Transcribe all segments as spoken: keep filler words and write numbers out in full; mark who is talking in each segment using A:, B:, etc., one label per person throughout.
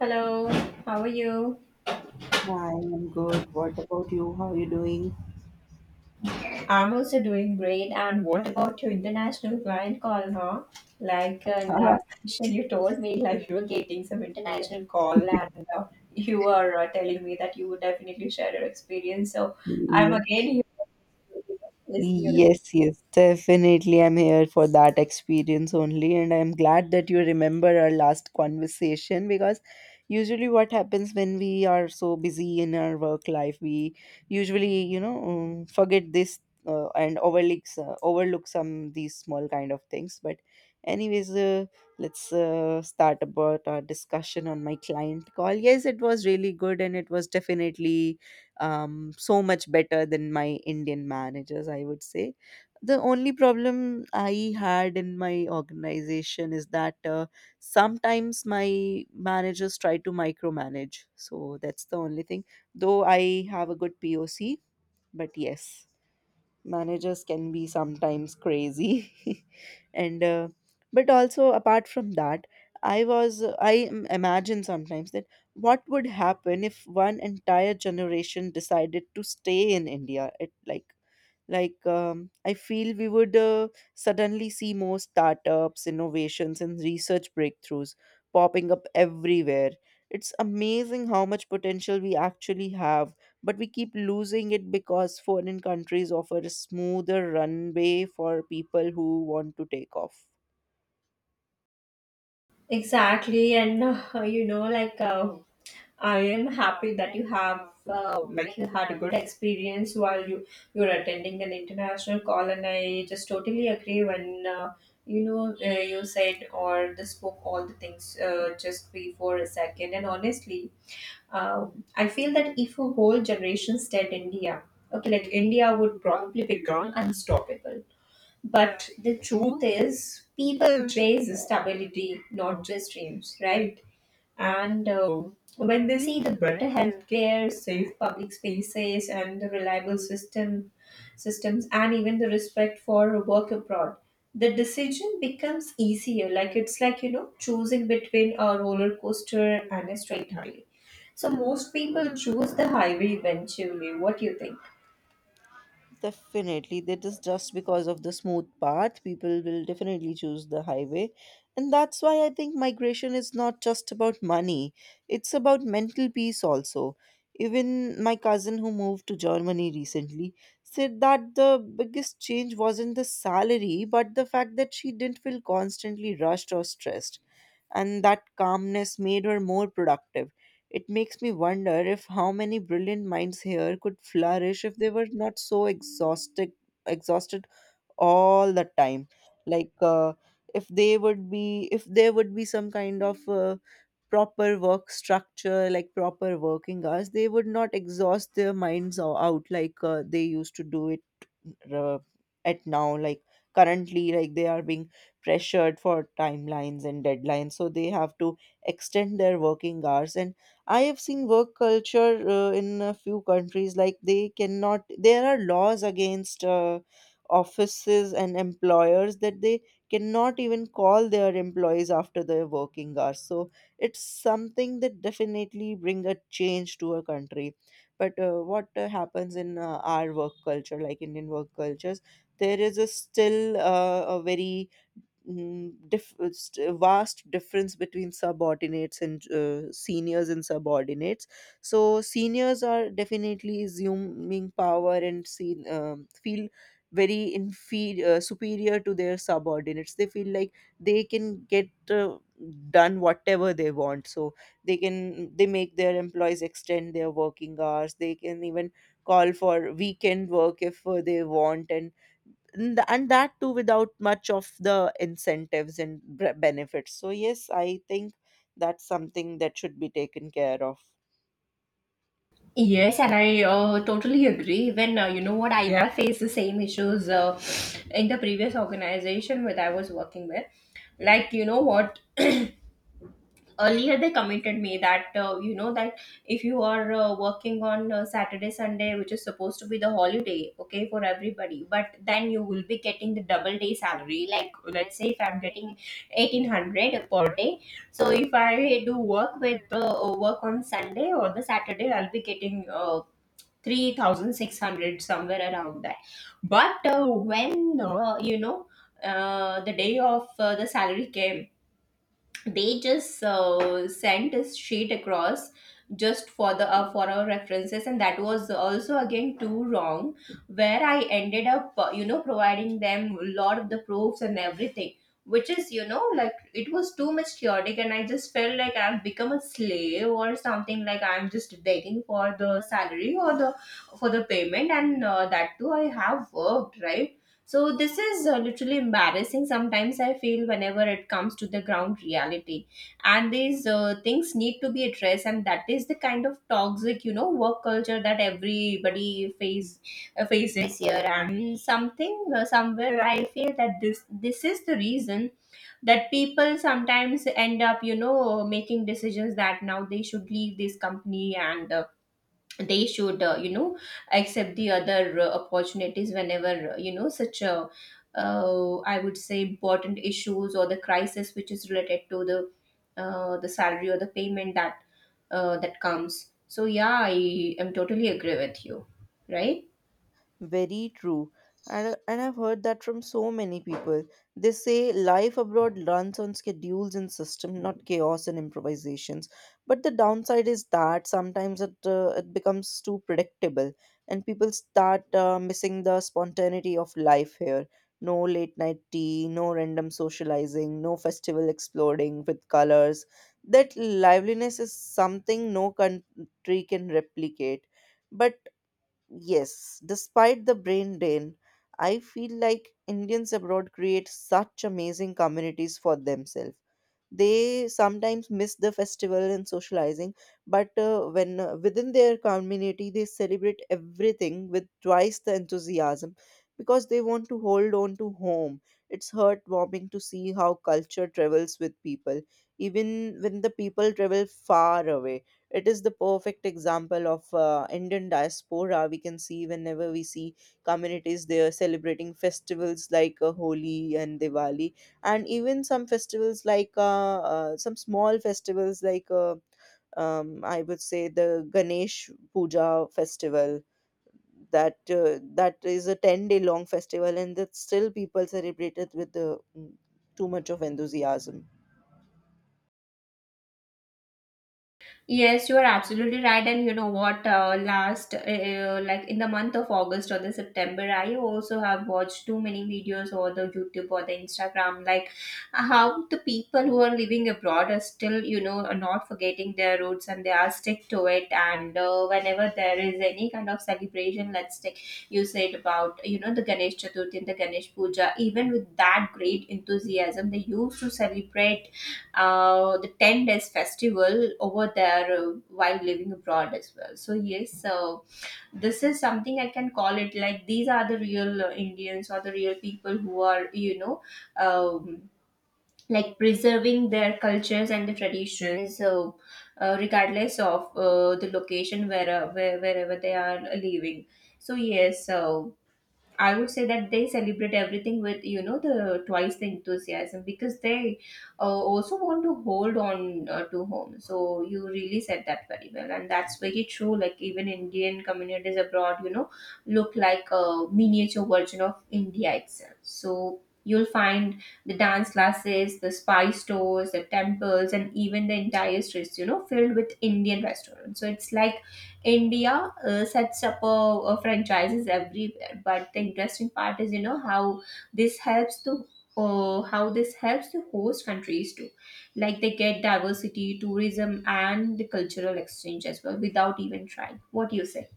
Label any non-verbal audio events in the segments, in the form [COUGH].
A: Hello, how are you?
B: Hi, I'm good. What about you? How are you doing?
A: I'm also doing great. And what about your international client call, huh? Like uh,
B: [LAUGHS] Ah,
A: last session, you told me like you were getting some international call, and uh, you were uh, telling me that you would definitely share your experience. So I'm
B: yeah.
A: again here to listen your
B: Yes, yes, definitely. I'm here for that experience only, and I'm glad that you remember our last conversation because usually what happens when we are so busy in our work life, we usually, you know, um, forget this uh, and overlooks uh, overlook some these small kind of things. But anyways, uh, let's uh, start about our discussion on my client call. Yes, it was really good, and it was definitely um, so much better than my Indian managers, I would say. The only problem I had in my organization is that uh, sometimes my managers try to micromanage. So that's the only thing. Though I have a good P O C, but yes, managers can be sometimes crazy. [LAUGHS] and uh, but also apart from that, i was i im- imagine sometimes that what would happen if one entire generation decided to stay in India. it like like, um, I feel we would uh, suddenly see more startups, innovations, and research breakthroughs popping up everywhere. It's amazing how much potential we actually have, but we keep losing it because foreign countries offer a smoother runway for people who want to take off.
A: Exactly, and uh, you know, like uh, I am happy that you have uh, like you had a good experience while you you're attending an international call, and I just totally agree when uh, you know uh, you said or just spoke all the things uh, just before a second, and honestly, um, I feel that if a whole generation stayed India, okay, like India would probably become unstoppable, but the truth is, people chase stability, not just dreams, right? And uh, when they see the better healthcare, safe public spaces, and the reliable system systems, and even the respect for work abroad, the decision becomes easier. Like it's like you know choosing between a roller coaster and a straight highway. So most people choose the highway eventually. What do you think?
B: Definitely, that is just because of the smooth path, people will definitely choose the highway. And that's why I think migration is not just about money, it's about mental peace also. Even my cousin who moved to Germany recently said that the biggest change wasn't the salary, but the fact that she didn't feel constantly rushed or stressed. And that calmness made her more productive. It makes me wonder if how many brilliant minds here could flourish if they were not so exhausted, exhausted all the time. Like uh, if they would be, if there would be some kind of uh, proper work structure, like proper working hours, they would not exhaust their minds o- out like uh, they used to do it uh, at now, like currently, like they are being pressured for timelines and deadlines, so they have to extend their working hours. And I have seen work culture uh, in a few countries like they cannot, there are laws against uh, offices and employers that they cannot even call their employees after their working hours. So it's something that definitely bring a change to a country. But uh, what uh, happens in uh, our work culture, like Indian work cultures, there is a still uh, a very mm, dif- uh, st- vast difference between subordinates and uh, seniors and subordinates. So seniors are definitely assuming power and seen, um, feel very inferior, uh, superior to their subordinates. They feel like they can get uh, done whatever they want. So they can, they make their employees extend their working hours. They can even call for weekend work if uh, they want. And and th- and that too without much of the incentives and b- benefits. So yes, I think that's something that should be taken care of.
A: Yes, and I uh, totally agree. Even uh, you know what, I Yeah. faced the same issues uh, in the previous organization that I was working with. Like you know what, [CLEARS THROAT] earlier they committed me that uh, you know that if you are uh, working on uh, Saturday, Sunday, which is supposed to be the holiday, okay, for everybody, but then you will be getting the double day salary. Like let's say if I'm getting eighteen hundred per day, so if I do work with uh, work on Sunday or the Saturday, I'll be getting uh, three thousand six hundred somewhere around that, but uh, when uh, you know uh, the day of uh, the salary came, they just uh, sent a sheet across just for the uh, for our references, and that was also again too wrong, where I ended up uh, you know providing them a lot of the proofs and everything, which is you know like it was too much chaotic, and I just felt like I've become a slave or something, like I'm just begging for the salary or the for the payment, and uh, that too I have worked, right? So this is uh, literally embarrassing. Sometimes I feel whenever it comes to the ground reality, and these uh, things need to be addressed. And that is the kind of toxic, you know, work culture that everybody face uh, faces here. And something uh, somewhere I feel that this this is the reason that people sometimes end up, you know, making decisions that now they should leave this company, and uh, they should uh, you know accept the other uh, opportunities whenever uh, you know such a uh, I would say important issues or the crisis, which is related to the uh, the salary or the payment, that uh, that comes. So yeah, I am totally agree with you, right?
B: Very true. And, and I've heard that from so many people. They say life abroad runs on schedules and system, not chaos and improvisations. But the downside is that sometimes it, uh, it becomes too predictable and people start uh, missing the spontaneity of life here. No late night tea, no random socializing, no festival exploding with colors. That liveliness is something no country can replicate. But yes, despite the brain drain, I feel like Indians abroad create such amazing communities for themselves. They sometimes miss the festival and socializing, but uh, when uh, within their community, they celebrate everything with twice the enthusiasm because they want to hold on to home. It's heartwarming to see how culture travels with people, even when the people travel far away. It is the perfect example of uh, Indian diaspora. We can see whenever we see communities they are celebrating festivals like uh, Holi and Diwali, and even some festivals like uh, uh, some small festivals like uh, um, I would say the Ganesh Puja festival. That uh, that is a ten day long festival, and that still people celebrate it with uh, too much of enthusiasm.
A: Yes, you are absolutely right. And you know what? Uh, last, uh, uh, like in the month of August or the September, I also have watched too many videos or the YouTube or the Instagram, like how the people who are living abroad are still, you know, are not forgetting their roots and they are stick to it. And uh, whenever there is any kind of celebration, let's take you said about, you know, the Ganesh Chaturthi and the Ganesh Puja, even with that great enthusiasm, they used to celebrate uh, the ten days festival over there uh, while living abroad as well. So yes, so this is something I can call it, like these are the real uh, Indians or the real people who are you know, um, like preserving their cultures and the traditions. So uh, regardless of uh, the location where, uh, where wherever they are living. So yes, so I would say that they celebrate everything with you know the twice the enthusiasm because they uh, also want to hold on uh, to home. So you really said that very well, and that's very true. Like even Indian communities abroad, you know, look like a miniature version of India itself. So you'll find the dance classes, the spice stores, the temples, and even the entire streets, you know, filled with Indian restaurants. So it's like India uh, sets up a, a franchises everywhere that, but the interesting part is you know how this helps to uh, how this helps the host countries too. Like they get diversity tourism and the cultural exchange as well without even trying. What do you say?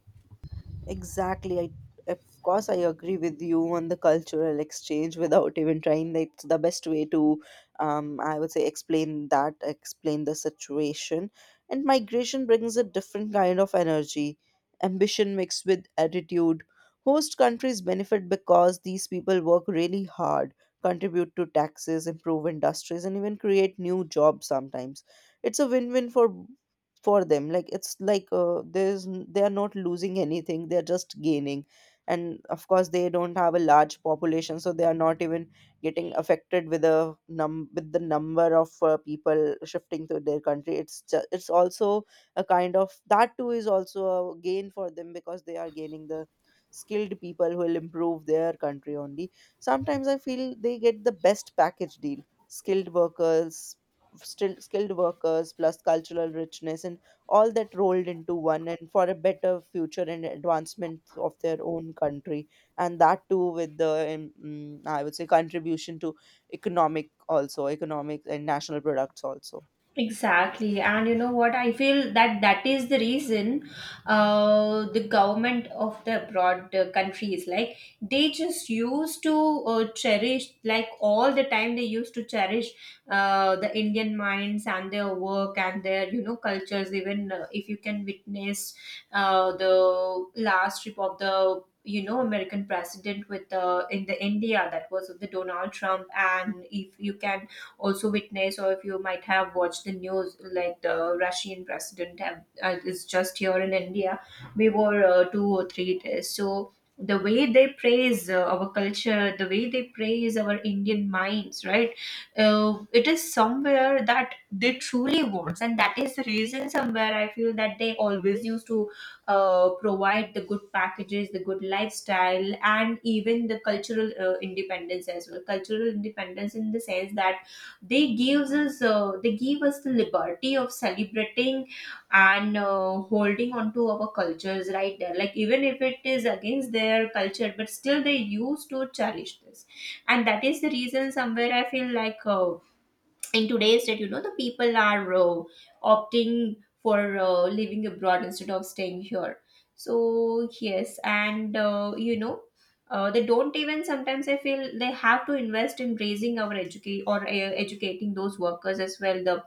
B: Exactly. I, of course, I agree with you on the cultural exchange without even trying. It's the best way to, um, I would say, explain that, explain the situation. And migration brings a different kind of energy, ambition mixed with attitude. Host countries benefit because these people work really hard, contribute to taxes, improve industries, and even create new jobs sometimes. It's a win win for for them. Like it's like uh, there's n- they are not losing anything, they're just gaining. And of course they don't have a large population, so they are not even getting affected with the num with the number of uh, people shifting to their country. It's ju- it's also a kind of, that too is also a gain for them because they are gaining the skilled people who will improve their country only. Sometimes I feel they get the best package deal. Skilled workers, still skilled workers plus cultural richness and all that rolled into one, and for a better future and advancement of their own country. And that too with the um, mm, I would say contribution to economic, also economic and national products also.
A: Exactly, and you know what? I feel that that is the reason uh, the government of the abroad uh, countries, like they just used to uh, cherish, like all the time they used to cherish uh, the Indian minds and their work and their you know cultures. Even uh, if you can witness uh, the last trip of the you know American president with uh, in the India, that was the Donald Trump, and if you can also witnessed, or if you might have watched the news, like the Russian president have, uh, is just here in India we were uh, two or three days. So the way they praise uh, our culture, the way they praise our Indian minds, right? Uh, it is somewhere that they truly wants, and that is the reason somewhere I feel that they always used to uh, provide the good packages, the good lifestyle, and even the cultural uh, independence as well. Cultural independence in the sense that they gives us uh, they give us the liberty of celebrating and uh, holding on to our cultures right there, like even if it is against their culture, but still they used to cherish this. And that is the reason somewhere I feel like uh, in today's date, you know, the people are uh, opting for uh, living abroad instead of staying here. So, yes, and uh, you know, uh, they don't even sometimes I feel they have to invest in raising our educate or uh, educating those workers as well. The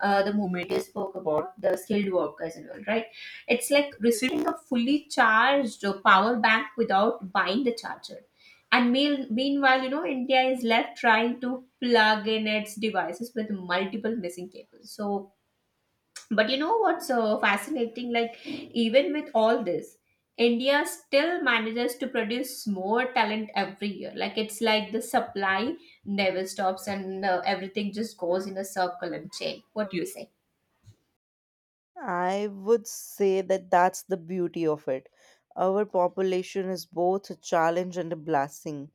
A: uh, the moment you spoke about the skilled workers and all, right? It's like receiving a fully charged uh, power bank without buying the charger, and mean, meanwhile, you know, India is left trying to plug in its devices with multiple missing cables. So, but you know what's uh, fascinating? Like, even with all this, India still manages to produce more talent every year. Like, it's like the supply never stops, and uh, everything just goes in a circle and chain. What do you say?
B: I would say that that's the beauty of it. Our population is both a challenge and a blessing.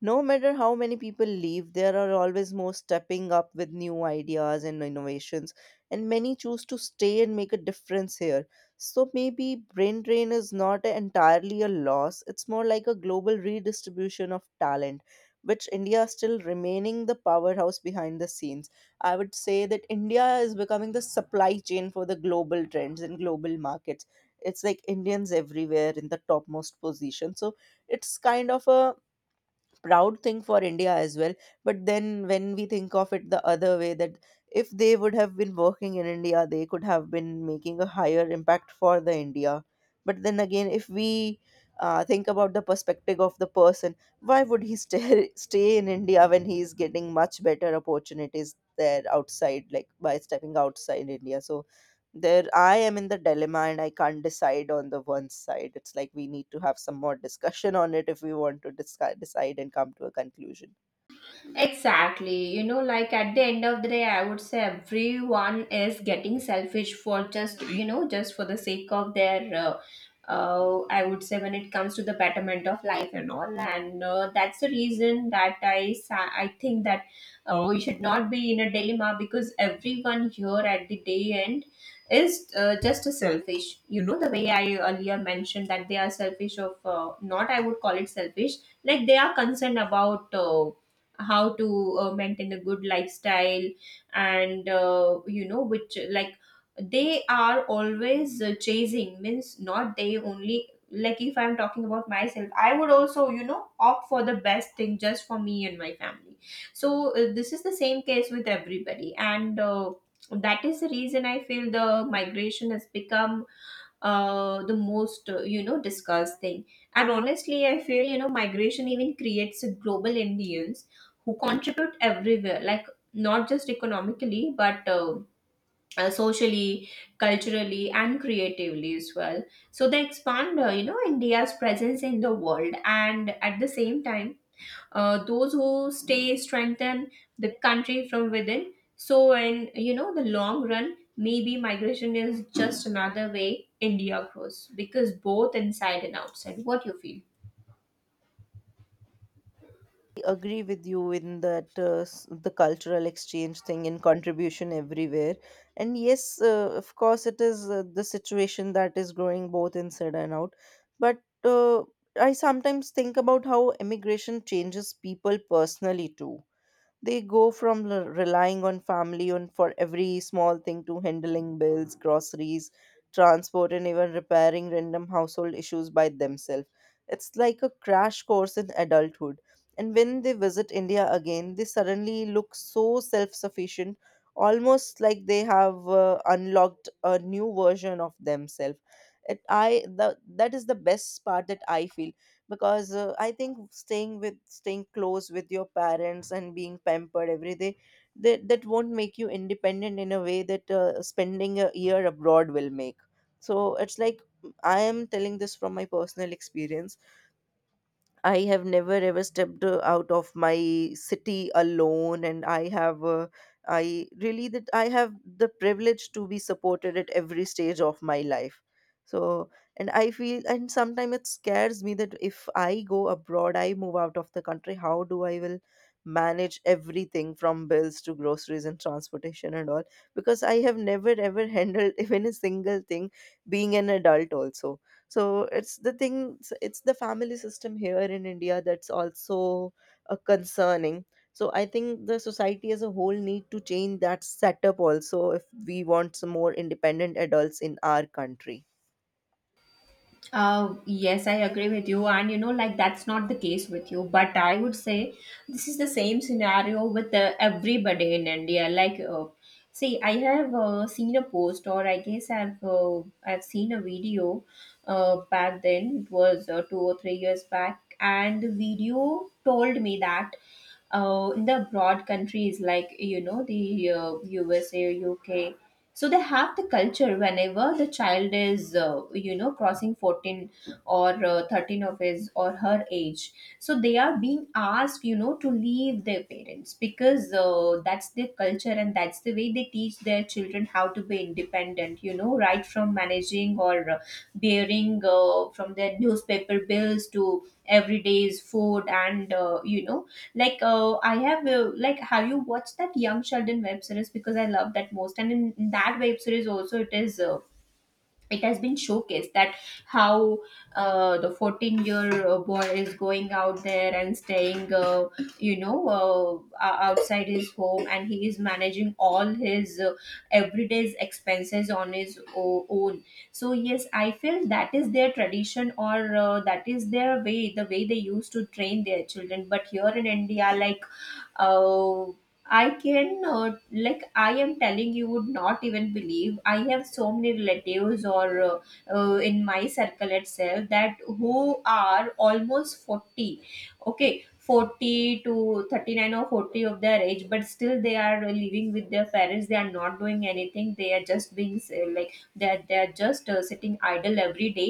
B: No matter how many people leave, there are always more stepping up with new ideas and innovations, and many choose to stay and make a difference here. So maybe brain drain is not entirely a loss, it's more like a global redistribution of talent, which India still remaining the powerhouse behind the scenes. I would say that India is becoming the supply chain for the global trends and global markets. It's like Indians everywhere in the topmost position. So it's kind of a proud thing for India as well. But then when we think of it the other way, that if they would have been working in India, they could have been making a higher impact for the India. But then again, if we uh, think about the perspective of the person, why would he stay [LAUGHS] stay in India when he is getting much better opportunities there outside, like by stepping outside India? So there I am in the dilemma and I can't decide. On the one side, it's like we need to have some more discussion on it if we want to discuss, decide and come to a conclusion.
A: Exactly. You know, like at the end of the day, I would say everyone is getting selfish for just, you know, just for the sake of their, uh, uh, I would say, when it comes to the betterment of life and all. And uh, that's the reason that I, sa- I think that uh, we should not be in a dilemma, because everyone here at the day end is uh, just a selfish. You know, the way I earlier mentioned that they are selfish of, uh, not I would call it selfish, like they are concerned about. Uh, how to uh, maintain a good lifestyle, and uh, you know which like they are always uh, chasing means, not they only, like if I'm talking about myself, I would also you know opt for the best thing just for me and my family. So uh, this is the same case with everybody, and uh, that is the reason I feel the migration has become uh, the most uh, you know discussed thing. And honestly I feel you know migration even creates a global Indians who contribute everywhere, like not just economically, but uh, uh, socially, culturally, and creatively as well. So they expand uh, you know India's presence in the world, and at the same time uh, those who stay strengthen the country from within. So, in you know, the long run, maybe migration is just another way India grows because both inside and outside. What you feel?
B: I agree with you in that uh, s- the cultural exchange thing and contribution everywhere. And yes, uh, of course it is uh, the situation that is growing both inside and out. But uh, I sometimes think about how immigration changes people personally too. They go from l- relying on family on for every small thing to handling bills, groceries, transport, and even repairing random household issues by themselves. It's like a crash course in adulthood. And when they visit India again, they suddenly look so self sufficient, almost like they have uh, unlocked a new version of themselves. It, I the, that is the best part that I feel because uh, I think staying with staying close with your parents and being pampered every day, that, that won't make you independent in a way that uh, spending a year abroad will make. So it's like, I am telling this from my personal experience. I have never ever stepped uh, out of my city alone, and I have, uh, I really that I have the privilege to be supported at every stage of my life. So, and I feel, and sometimes it scares me that if I go abroad, I move out of the country, how do I will manage everything from bills to groceries and transportation and all? Because I have never ever [LAUGHS] handled even a single thing, being an adult also. So it's the thing, it's the family system here in India that's also uh, concerning. So I think the society as a whole need to change that setup also if we want some more independent adults in our country.
A: Uh, yes, I agree with you. And you know, like that's not the case with you. But I would say this is the same scenario with uh, everybody in India. Like, uh, see, I have uh, seen a post, or I guess I've uh, I've seen a video uh, back then. It was uh, two or three years back, and the video told me that uh, in the abroad countries, like you know the uh, U S A, U K, so they have the culture whenever the child is, uh, you know crossing fourteen or uh, thirteen of his or her age, so they are being asked, you know, to leave their parents because uh, that's their culture, and that's the way they teach their children how to be independent, you know, right from managing or uh, bearing, uh, from their newspaper bills to everyday's food and, uh, you know like, uh, I have, uh, like, have you watched that Young Sheldon web series? Because I love that most. And in, that web series also, it is, uh, it has been showcased that how uh, the fourteen year uh, boy is going out there and staying, uh, you know, uh, o- outside his home, and he is managing all his uh, everyday's expenses on his o- own. So, yes, I feel that is their tradition, or uh, that is their way, the way they used to train their children. But here in India, like, oh, I can, uh, like, I am telling you would not even believe. I have so many relatives, or uh, uh, in my circle itself, that who are almost forty. Okay, forty to thirty-nine or forty of their age, but still they are living with their parents. They are not doing anything. They are just being, uh, like they are, they are just uh, sitting idle every day,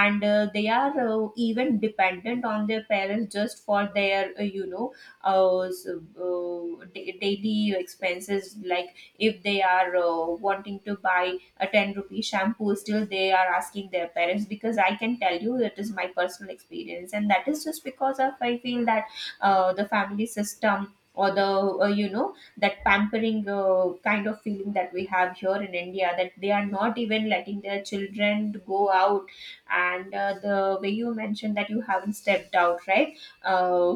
A: and uh, they are uh, even dependent on their parents just for their, uh, you know uh, so, uh, da- daily expenses. Like, if they are uh, wanting to buy a ten rupee shampoo, still they are asking their parents, because I can tell you that is my personal experience, and that is just because of, I feel that uh, the family system, or the, uh, you know that pampering uh, kind of feeling that we have here in India, that they are not even letting their children to go out. And uh, the way you mentioned that you haven't stepped out, right, uh,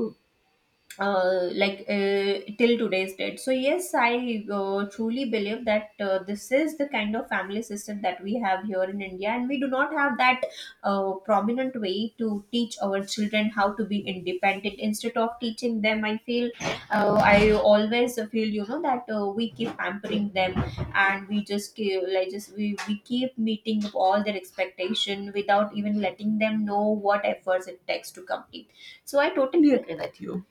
A: uh, like uh, till today's date. So yes, I uh, truly believe that uh, this is the kind of family system that we have here in India, and we do not have that uh, prominent way to teach our children how to be independent. Instead of teaching them, I feel, uh, I always feel, you know, that uh, we keep pampering them, and we just keep, like just we we keep meeting up all their expectation without even letting them know what efforts it takes to complete. So I totally agree with you.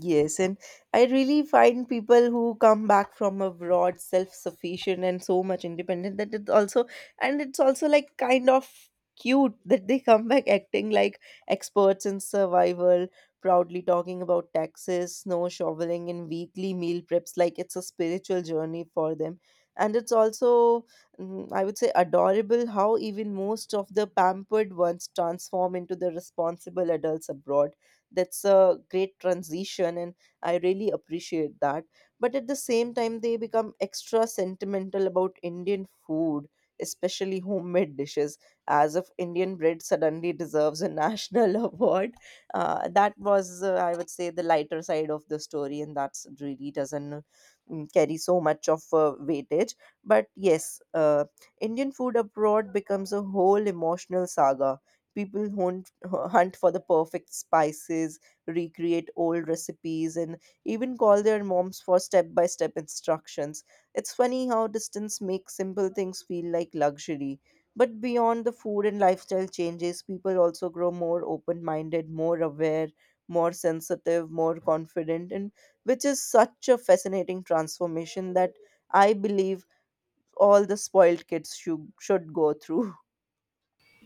B: Yes, and I really find people who come back from abroad self-sufficient and so much independent that it also, and it's also like kind of cute that they come back acting like experts in survival, proudly talking about taxes, snow shoveling, and weekly meal preps like it's a spiritual journey for them. And it's also, mm, I would say, adorable how even most of the pampered ones transform into the responsible adults abroad. That's a great transition, and I really appreciate that. But at the same time, they become extra sentimental about Indian food, especially homemade dishes, as if Indian bread suddenly deserves a national [LAUGHS] award. Uh, that was uh, I would say the lighter side of the story, and that's really doesn't mm, carry so much of uh, weightage. But yes, uh, Indian food abroad becomes a whole emotional saga. People hunt hu- hunt for the perfect spices, recreate old recipes, and even call their moms for step by step instructions. It's funny how distance makes simple things feel like luxury. But beyond the food and lifestyle changes, people also grow more open minded, more aware, more sensitive, more confident, and which is such a fascinating transformation that I believe all the spoiled kids should, should go through.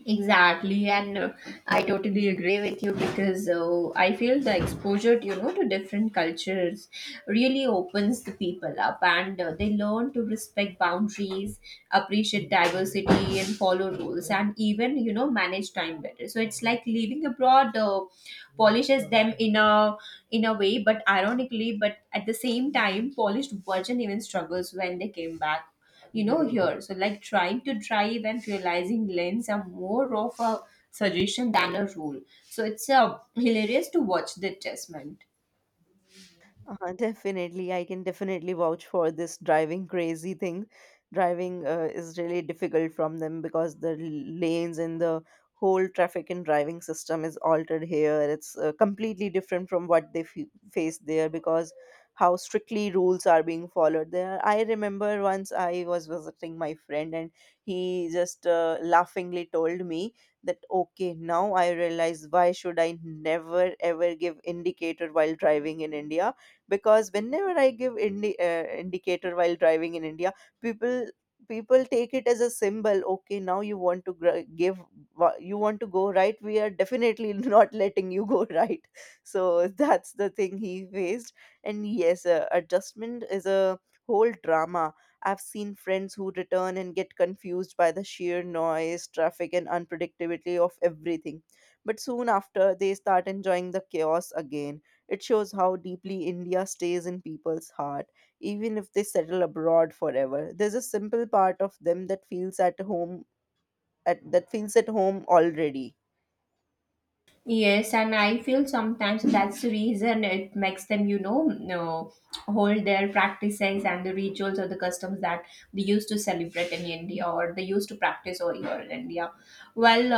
A: Exactly, and uh, I totally agree with you, because uh, I feel the exposure, you know, to different cultures really opens the people up, and uh, they learn to respect boundaries, appreciate diversity, and follow rules, and even, you know, manage time better. So it's like living abroad uh, polishes them in a, in a way, but ironically, but at the same time, polished version even struggles when they came back, you know, here. So like, trying to drive and realizing lens are more of a suggestion than a rule, so it's uh, hilarious to watch the adjustment.
B: Uh, definitely, I can definitely vouch for this driving crazy thing. Driving uh, is really difficult from them because the l- lanes and the whole traffic and driving system is altered here. It's uh, completely different from what they f face there because how strictly rules are being followed there. I remember once I was visiting my friend and he just uh, laughingly told me that, okay, now I realize why should I never ever give indicator while driving in India, because whenever i give indi- uh, indicator while driving in India, people people take it as a symbol. Okay, now you want to gr- give wa- you want to go right, we are definitely [LAUGHS] not letting you go right. So that's the thing he faced. And yes, uh, adjustment is a whole drama. I've seen friends who return and get confused by the sheer noise, traffic, and unpredictability of everything. But soon after, they start enjoying the chaos again. It shows how deeply India stays in people's heart, even if they settle abroad forever. There's a simple part of them that feels at home, at that feels at home already.
A: Yes, and I feel sometimes that's the reason it makes them, you know, no, hold their practices and the rituals or the customs that they used to celebrate in India, or they used to practice over here in India. Well,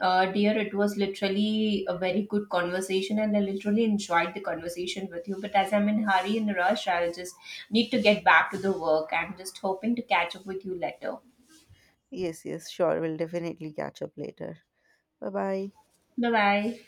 A: uh, uh, dear, it was literally a very good conversation, and I literally enjoyed the conversation with you. But as I'm in hurry and rush, I'll just need to get back to the work. I'm just hoping to catch up with you later.
B: Yes, yes, sure. We'll definitely catch up later. Bye bye.
A: Bye bye.